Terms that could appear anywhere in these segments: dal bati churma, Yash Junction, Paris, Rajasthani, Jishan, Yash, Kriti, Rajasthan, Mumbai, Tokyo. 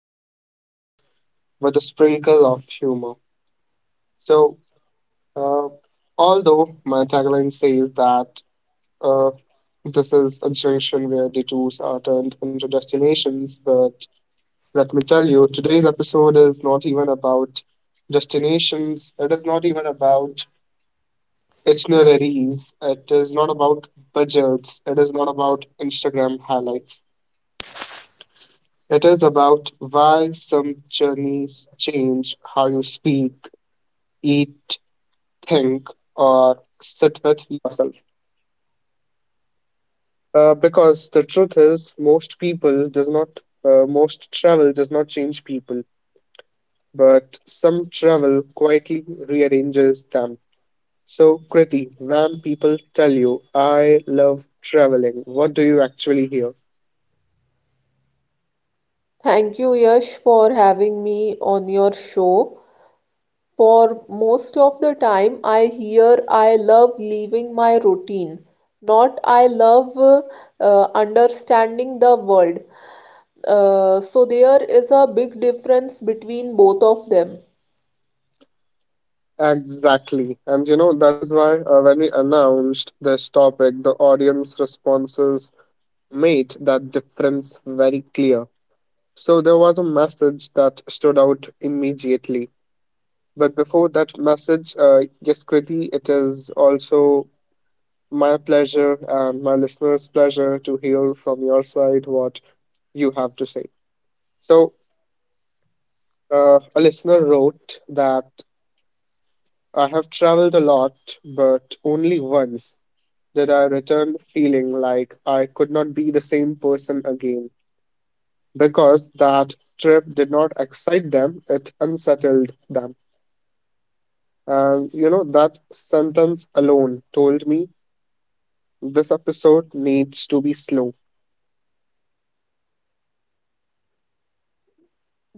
destinations with a sprinkle of humor. So, uh, Although my tagline says that uh, this is a junction where detours are turned into destinations, but let me tell you, today's episode is not even about destinations, it is not even about itineraries, it is not about budgets, it is not about Instagram highlights. It is about why some journeys change how you speak, eat, think, or sit with yourself. Because the truth is, most travel does not change people, but some travel quietly rearranges them. So, Kriti, when people tell you, I love traveling, what do you actually hear? Thank you, Yash, for having me on your show. For most of the time, I hear I love leaving my routine, not I love understanding the world. So there is a big difference between both of them. Exactly. And you know, that is why when we announced this topic, the audience responses made that difference very clear. So there was a message that stood out immediately. But before that message, yes, Kriti, it is also my pleasure and my listeners' pleasure to hear from your side what you have to say. So a listener wrote that I have traveled a lot, but only once did I return feeling like I could not be the same person again. Because that trip did not excite them, it unsettled them. And you know, that sentence alone told me this episode needs to be slow.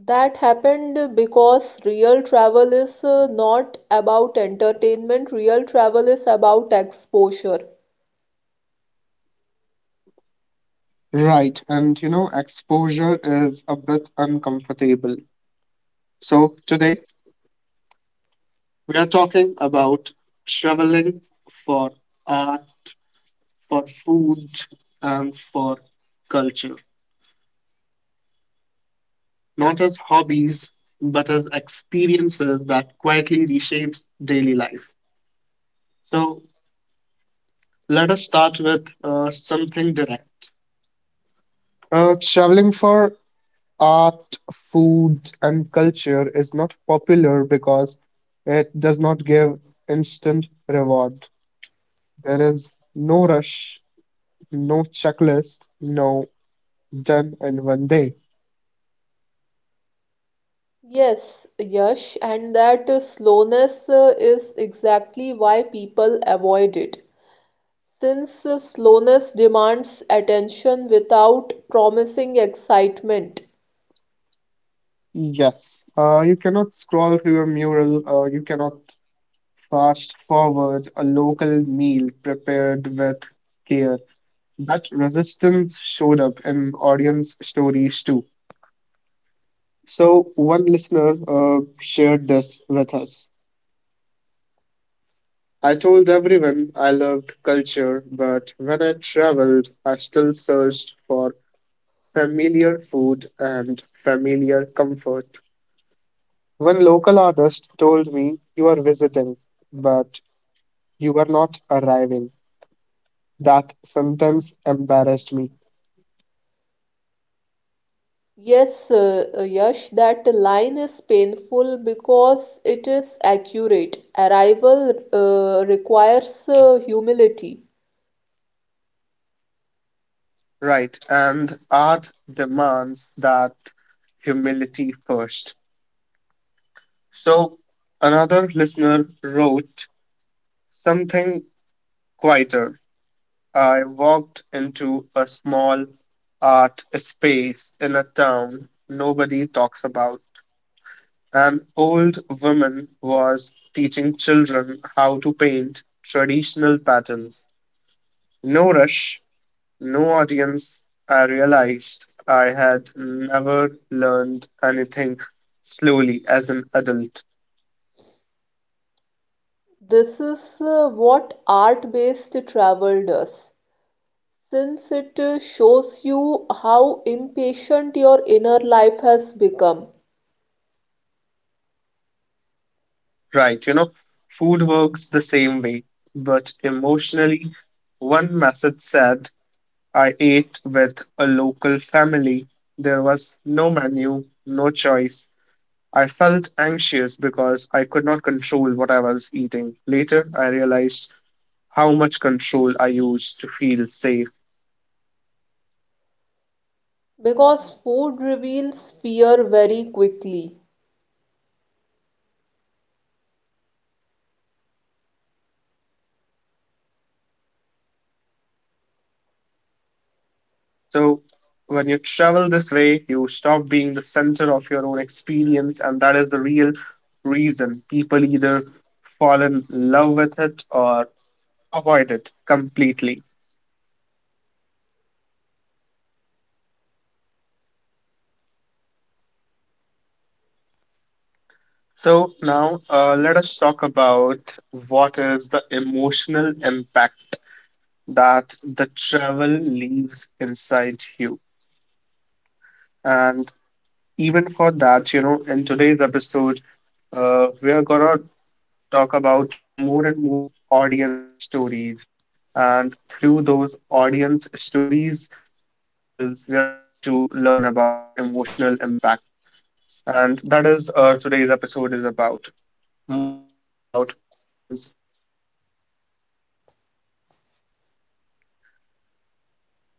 That happened because real travel is not about entertainment, real travel is about exposure. Right, and you know, exposure is a bit uncomfortable. So today we are talking about traveling for art, for food, and for culture, not as hobbies, but as experiences that quietly reshapes daily life. So let us start with something direct. Traveling for art, food, and culture is not popular because it does not give instant reward. There is no rush, no checklist, no done in one day. Yes, Yash, and that slowness is exactly why people avoid it. Since slowness demands attention without promising excitement. Yes, you cannot scroll through a mural, you cannot fast forward a local meal prepared with care. That resistance showed up in audience stories too. So, one listener shared this with us. I told everyone I loved culture, but when I traveled, I still searched for familiar food and familiar comfort. One local artist told me, you are visiting, but you are not arriving. That sentence embarrassed me. Yes, Yash, that line is painful because it is accurate. Arrival requires humility. Right, and art demands that humility first. So, another listener wrote something quieter. I walked into a small art space in a town nobody talks about. An old woman was teaching children how to paint traditional patterns. No rush, no audience, I realized I had never learned anything slowly as an adult. This is what art-based travel does, since it shows you how impatient your inner life has become. Right, you know, food works the same way, but emotionally, one message said I ate with a local family. There was no menu, no choice. I felt anxious because I could not control what I was eating. Later, I realized how much control I used to feel safe. Because food reveals fear very quickly, Exactly, culture is not aesthetic, it is confrontational. So, when you travel this way, you stop being the center of your own experience, and that is the real reason people either fall in love with it or avoid it completely. So, now let us talk about what is the emotional impact that the travel leaves inside you. And even for that, you know, in today's episode, we are gonna talk about more and more audience stories. And through those audience stories themselves, we are going to learn about the emotional impact. And that is today's episode is about more and more about audience stories.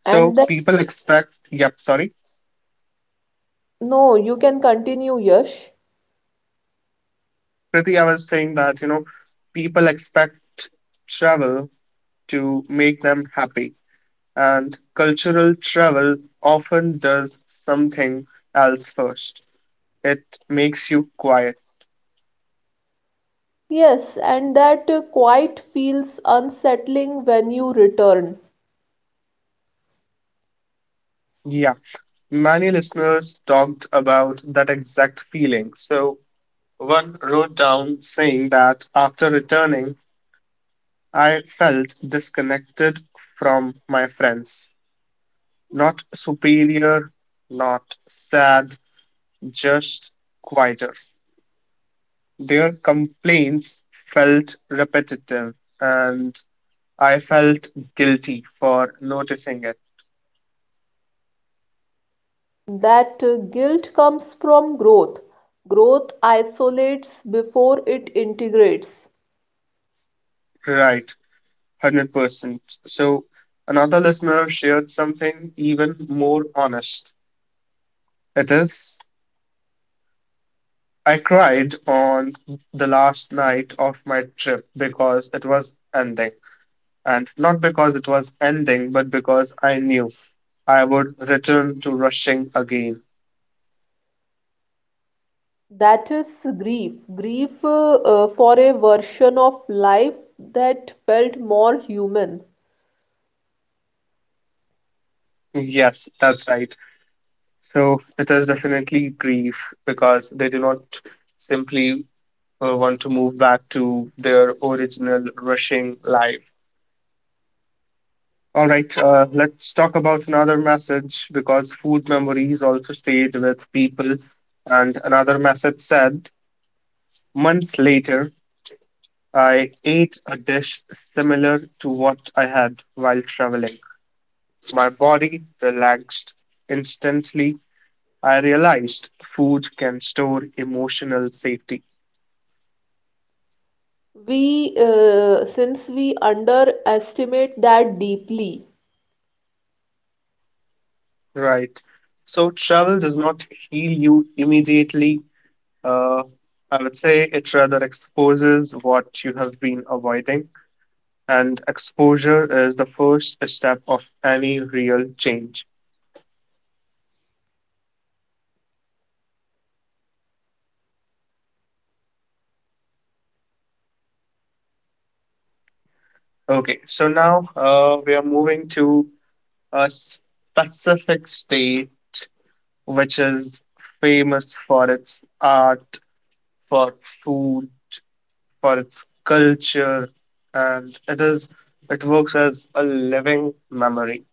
So and people expect, yep, sorry. no, you can continue, Yash. Okay, so Kriti, I was saying that, you know, people expect travel to make them happy and cultural travel often does something else first. It makes you quiet. Yes, and that quite feels unsettling when you return. Yeah, many listeners talked about that exact feeling. So, one wrote down saying that after returning, I felt disconnected from my friends. Not superior, not sad, just quieter. Their complaints felt repetitive and I felt guilty for noticing it. That guilt comes from growth. Growth isolates before it integrates. Right, 100%. So, another listener shared something even more honest. It is, I cried on the last night of my trip because it was ending. And not because it was ending, but because I knew I would return to rushing again. That is grief. Grief for a version of life that felt more human. Yes, that's right. So, it is definitely grief because they do not simply want to move back to their original rushing life. All right, let's talk about another message because food memories also stayed with people. And another message said, months later, I ate a dish similar to what I had while traveling. My body relaxed instantly. I realized food can store emotional safety. Since we underestimate that deeply. Right. So, travel does not heal you immediately. Uh, I would say it rather exposes what you have been avoiding, and exposure is the first step of any real change. Okay, so now we are moving to a specific state which is famous for its art, for food, for its culture, and it works as a living memory.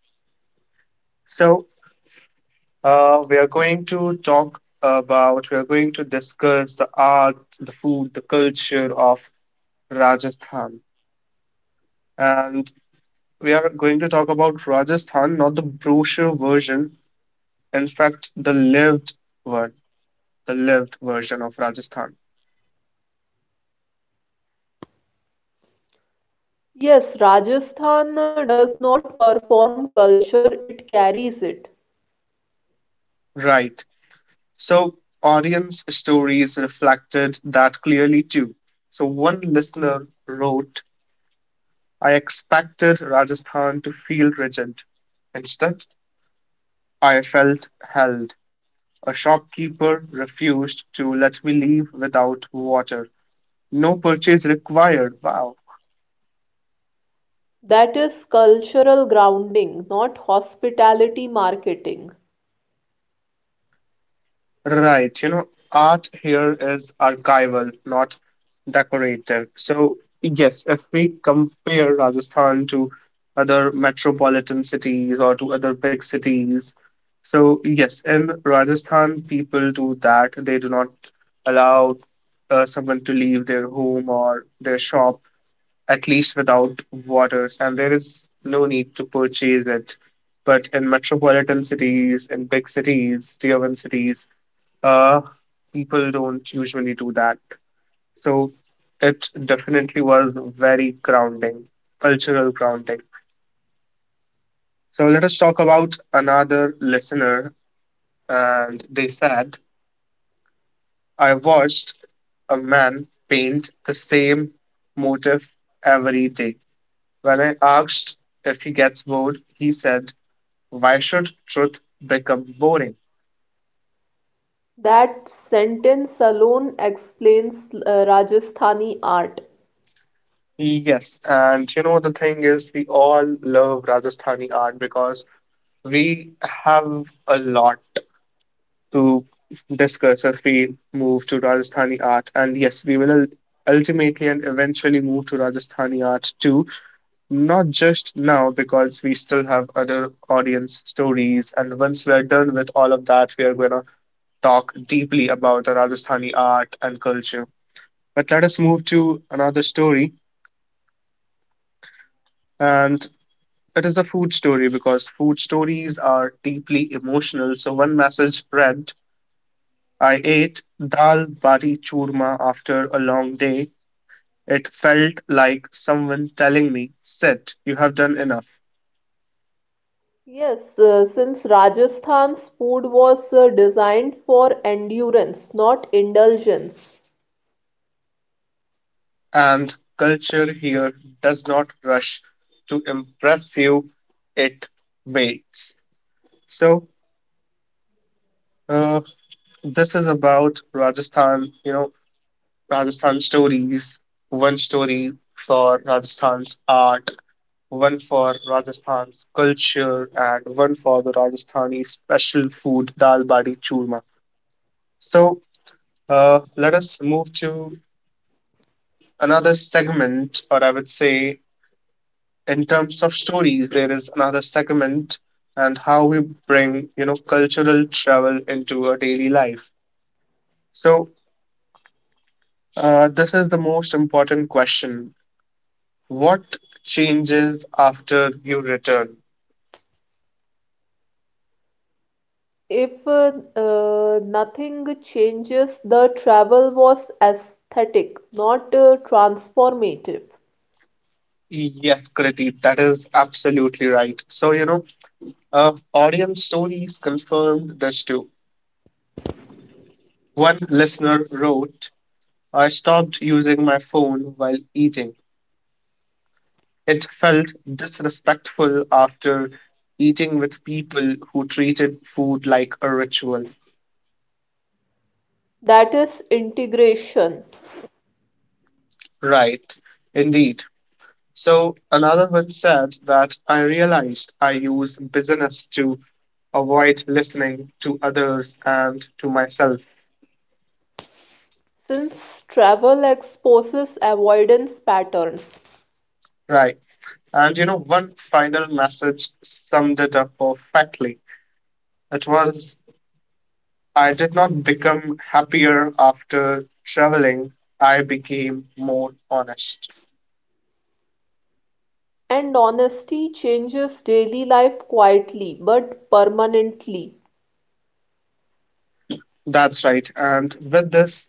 So we are going to we are going to discuss the art, the food, the culture of Rajasthan. And we are going to talk about Rajasthan, not the brochure version, in fact, the lived word, the lived version of Rajasthan. Yes, Rajasthan does not perform culture, it carries it. Right. So, audience stories reflected that clearly too. So, one listener wrote, I expected Rajasthan to feel rigid. Instead, I felt held. A shopkeeper refused to let me leave without water. No purchase required. Wow. That is cultural grounding, not hospitality marketing. Right. You know, art here is archival, not decorative. So, yes, if we compare Rajasthan to other metropolitan cities or to other big cities, so yes, in Rajasthan, people do that. They do not allow someone to leave their home or their shop at least without waters, and there is no need to purchase it. But in metropolitan cities, in big cities, tier one cities, uh, people don't usually do that. So it definitely was very grounding, cultural grounding. So let us talk about another listener. And they said, I watched a man paint the same motif every day. When I asked if he gets bored, he said why should truth become boring? That sentence alone explains Rajasthani art. Yes, and you know the thing is, we all love Rajasthani art because we have a lot to discuss if we move to Rajasthani art. And yes, we will ultimately and eventually move to Rajasthani art too, not just now because we still have other audience stories. And once we are done with all of that, we are going to talk deeply about the Rajasthani art and culture. But let us move to another story. And it is a food story because food stories are deeply emotional. So one message read, I ate dal bati churma after a long day. It felt like someone telling me, sit, you have done enough. Yes, since Rajasthan's food was designed for endurance, not indulgence. And culture here does not rush to impress you, it waits. So uh, this is about Rajasthan, you know, Rajasthan stories, one story for Rajasthan's art, one for Rajasthan's culture, and one for the Rajasthani special food dal bati churma. So let us move to another segment, or I would say, in terms of stories, there is another segment and how we bring you know cultural travel into our daily life. So this is the most important question: what changes after you return? If nothing changes, the travel was aesthetic, not transformative. Yes, Kriti, that is absolutely right. So, you know, of audience stories confirmed this too. One listener wrote, I stopped using my phone while eating. It felt disrespectful after eating with people who treated food like a ritual. That is integration, Right, indeed. So another one said that I realized I use business to avoid listening to others and to myself. since travel exposes avoidance patterns, Right. And you know, one final message summed it up perfectly. It was, I did not become happier after traveling. I became more honest. and honesty changes daily life quietly but permanently. That's right. And with this,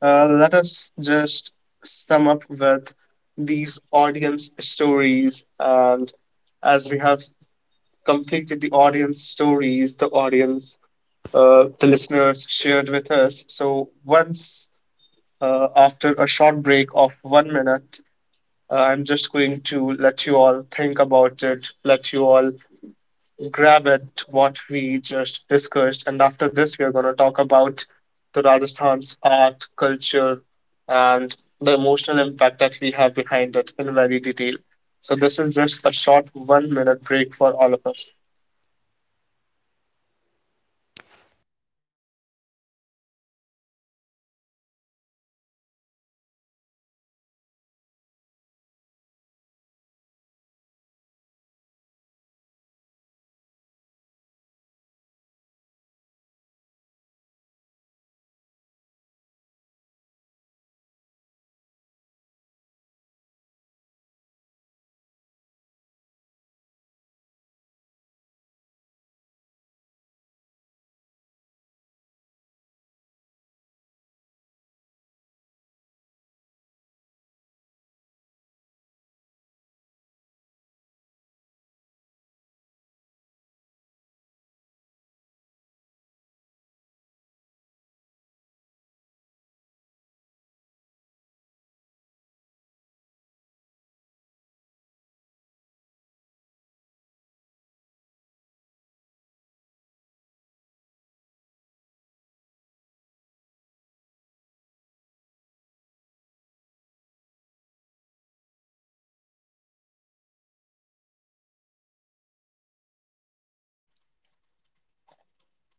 let us just sum up with these audience stories. And as we have completed the audience stories, the audience, the listeners shared with us. So once after a short break of 1 minute, I'm just going to let you all think about it, let you all grab at what we just discussed. And after this, we are going to talk about the Rajasthan's art, culture, and the emotional impact that we have behind it in very detail. So, this is just a short 1 minute break for all of us.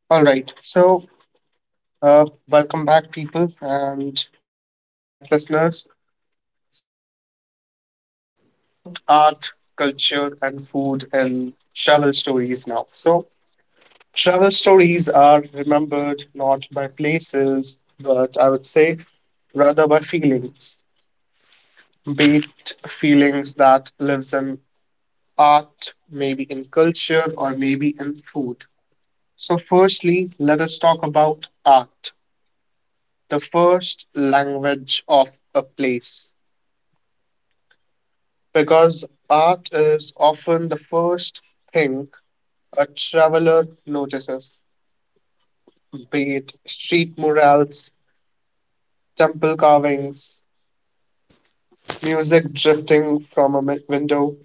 All right. So, welcome back, people, and welcome back, listeners. So, let us talk about art, culture, and food in travel stories now. So, travel stories are remembered not by places, but I would say rather by feelings, be it feelings that lives in art, maybe in culture, or maybe in food. So, firstly, let us talk about art, the first language of a place, because art is often the first thing a traveler notices, be it street murals, temple carvings, music drifting from a window,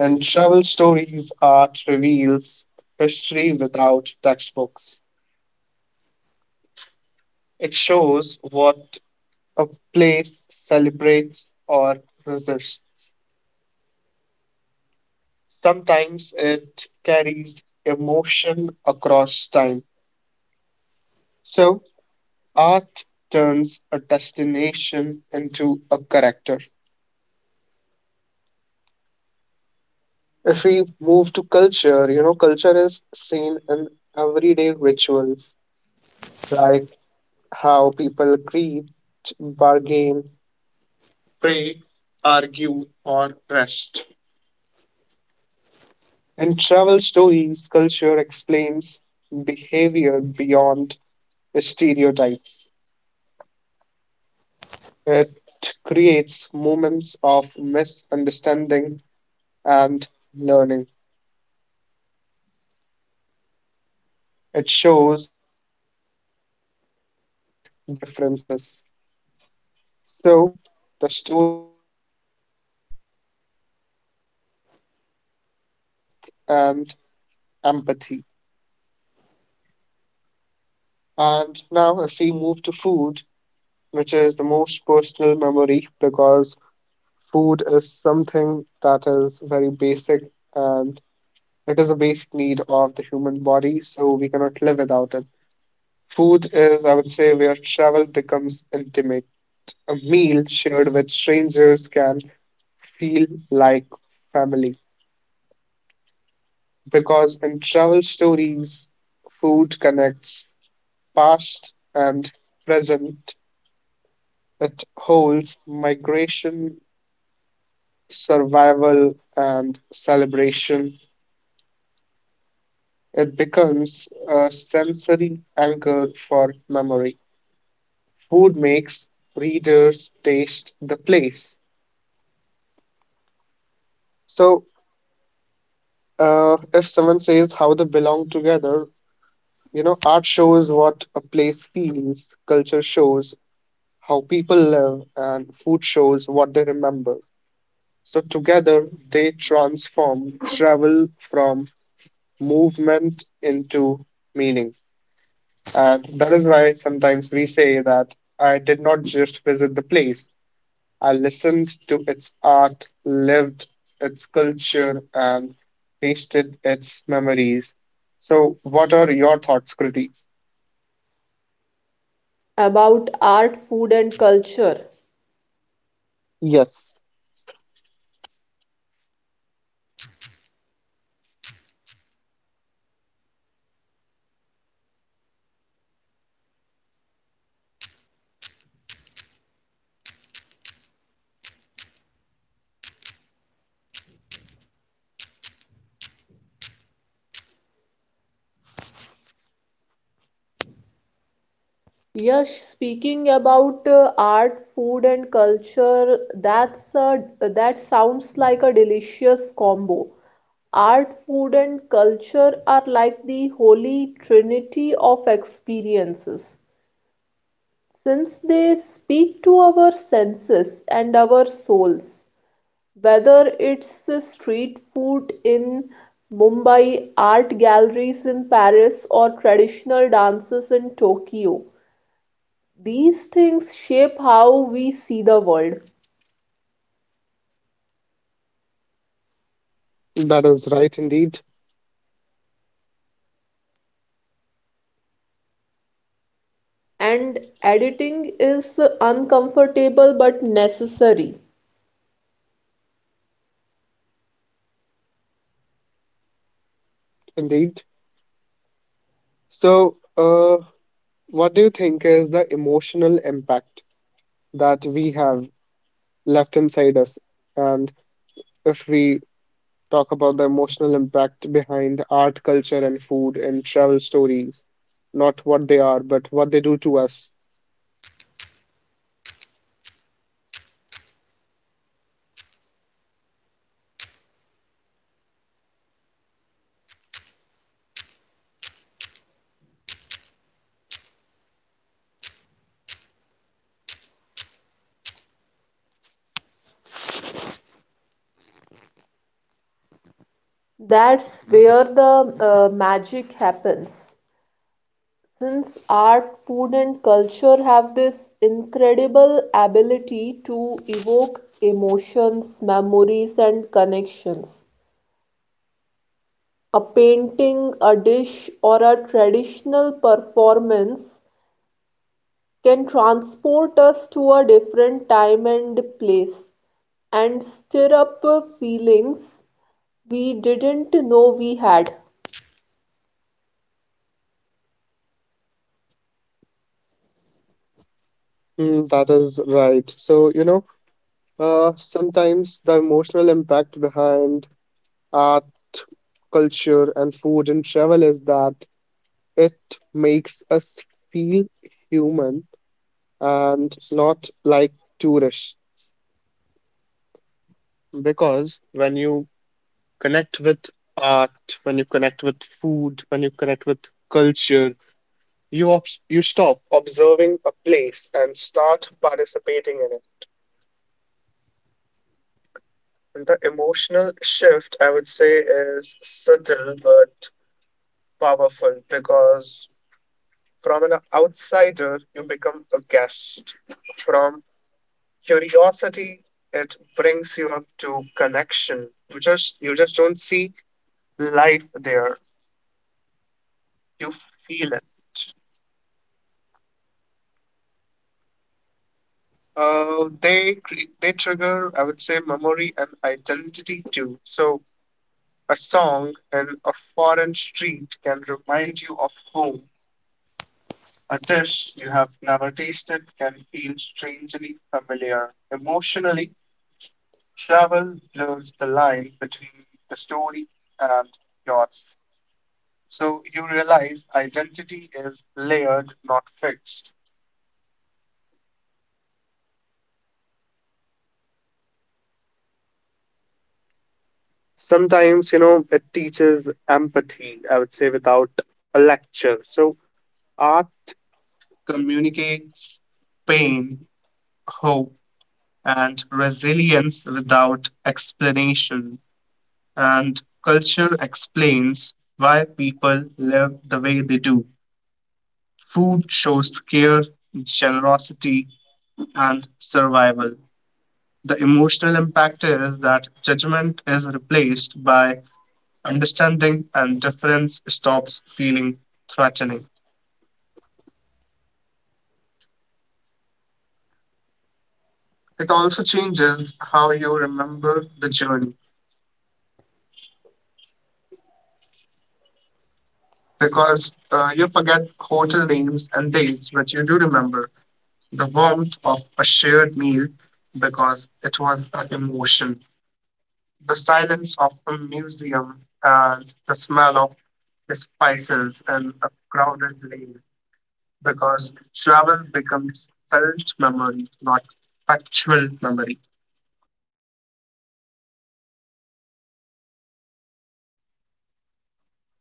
and travel stories art reveals history without textbooks. It shows what a place celebrates or resists. Sometimes it carries emotion across time. So, art turns a destination into a character. If we move to culture, culture is seen in everyday rituals, like how people greet, bargain, pray, argue, or rest. In travel stories, culture explains behavior beyond stereotypes. It creates moments of misunderstanding and learning. It shows shared humanity beneath differences. So, the story power would be uh, culture creates depth and empathy. And now, if we move to food, which is the most personal memory because food is something that is very basic and it is a basic need of the human body, so we cannot live without it. Food is, I would say, where travel becomes intimate. A meal shared with strangers can feel like family, because in travel stories, food connects past and present. It holds migration, survival, and celebration. It becomes a sensory anchor for memory. Food makes readers taste the place. So, if someone says how they belong together, art shows what a place feels, culture shows how people live, and food shows what they remember. So together they transform travel from movement into meaning. And that is why sometimes we say that I did not just visit the place, I listened to its art, lived its culture, and tasted its memories. So, what are your thoughts, Kriti? About art, food, and culture. Yes, Yash, speaking about art, food, and culture, that sounds like a delicious combo. Art, food, and culture are like the holy trinity of experiences, since they speak to our senses and our souls. Whether it's street food in Mumbai, art galleries in Paris, or traditional dances in Tokyo, these things shape how we see the world. that is right, indeed, And editing is uncomfortable but necessary. indeed. So, what do you think is the emotional impact that we have left inside us? And if we talk about the emotional impact behind art, culture, and food and travel stories, not what they are, but what they do to us. That's where the magic happens. Since art, food, and culture have this incredible ability to evoke emotions, memories, and connections, a painting, a dish, or a traditional performance can transport us to a different time and place and stir up feelings we didn't know we had. Mm, that is right. So, sometimes the emotional impact behind art, culture, and food and travel is that it makes us feel human and not like tourists, because when you connect with art, when you connect with food, when you connect with culture, you stop observing a place and start participating in it. And the emotional shift, I would say, is subtle but powerful because from an outsider, you become a guest. From curiosity, it brings you up to connection. You just don't see life there. You feel it. They trigger, I would say, memory and identity too. So a song in a foreign street can remind you of home. A dish you have never tasted can feel strangely familiar. Emotionally, travel blurs the line between the story and yours. So you realize identity is layered, not fixed. Sometimes, it teaches empathy, I would say, without a lecture. So art communicates pain, hope, and resilience without explanation, and culture explains why people live the way they do. Food shows care, generosity, and survival. The emotional impact is that judgment is replaced by understanding, and difference stops feeling threatening. It also changes how you remember the journey, because you forget hotel names and dates, but you do remember the warmth of a shared meal because it was an emotion, the silence of a museum, and the smell of the spices in a crowded lane, because travel becomes felt memory, not factual memory.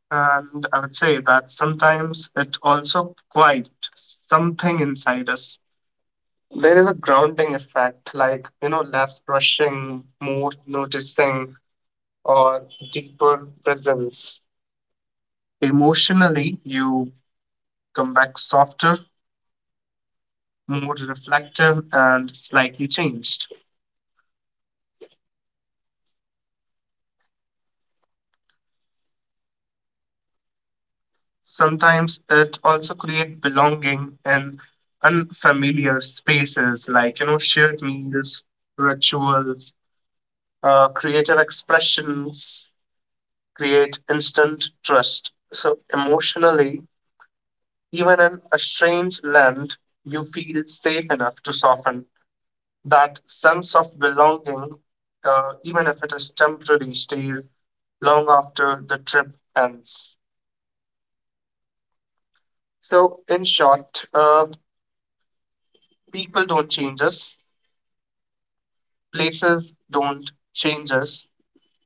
And I would say that sometimes it also quite something inside us. There is a grounding effect, like, less rushing, more noticing, or deeper presence. Emotionally, you come back softer, more reflective, and slightly changed. Sometimes it also creates belonging in unfamiliar spaces, like, shared meals, rituals, creative expressions create instant trust. So, emotionally, even in a strange land, you feel safe enough to soften. That sense of belonging, even if it is temporary, stays long after the trip ends. So, in short, people don't change us, places don't change us,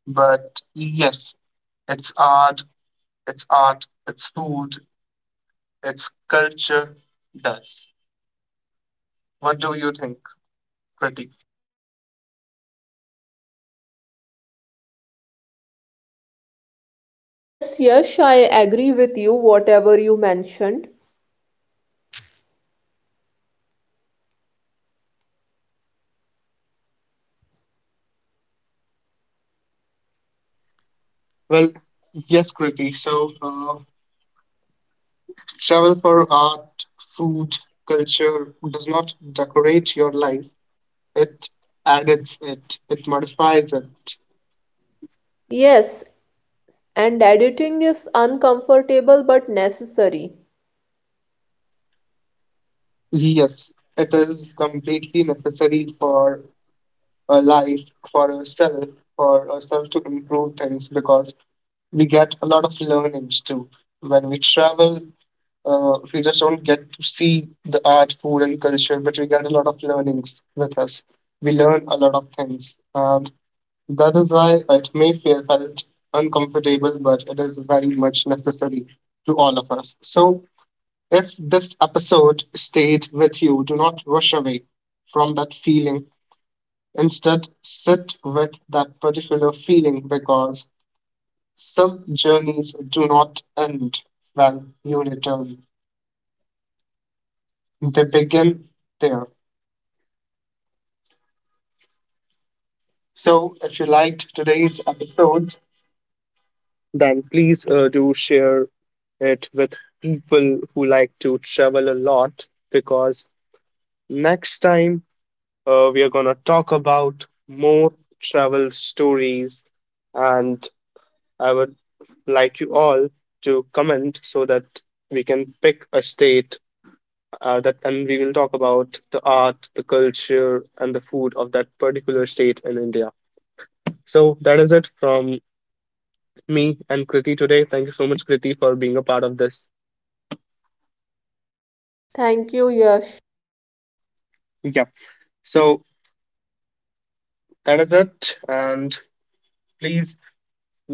but yes, it's art, it's food, it's culture does. What do you think, Kriti? Yes, Yash, I agree with you, whatever you mentioned. Well, yes, Kriti. So, travel for art, food, culture does not decorate your life. It adds it, it modifies it. Yes, and editing is uncomfortable but necessary. Yes, it is completely necessary for a life, for ourselves, for ourselves to improve things, because we get a lot of learnings too. When we travel, we just don't get to see the art, food, and culture, but we get a lot of learnings with us. We learn a lot of things. And that is why it may feel felt uncomfortable, but it is very much necessary to all of us. So, if this episode stayed with you, do not rush away from that feeling. Instead, sit with that particular feeling, because some journeys do not end when you return, they begin there. So, if you liked today's episode, then please do share it with people who like to travel a lot, because next time we are going to talk about more travel stories, and I would like you all to comment so that we can pick a state that and we will talk about the art, the culture, and the food of that particular state in India. So that is it from me and Kriti today. Thank you so much, Kriti, for being a part of this. Thank you, Yash. Yeah. So that is it. And please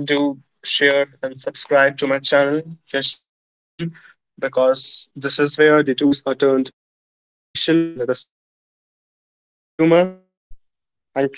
do share and subscribe to my channel, Yash Junction, because this is where the tours are turned into destination with a sprinkle of humor. Thank you.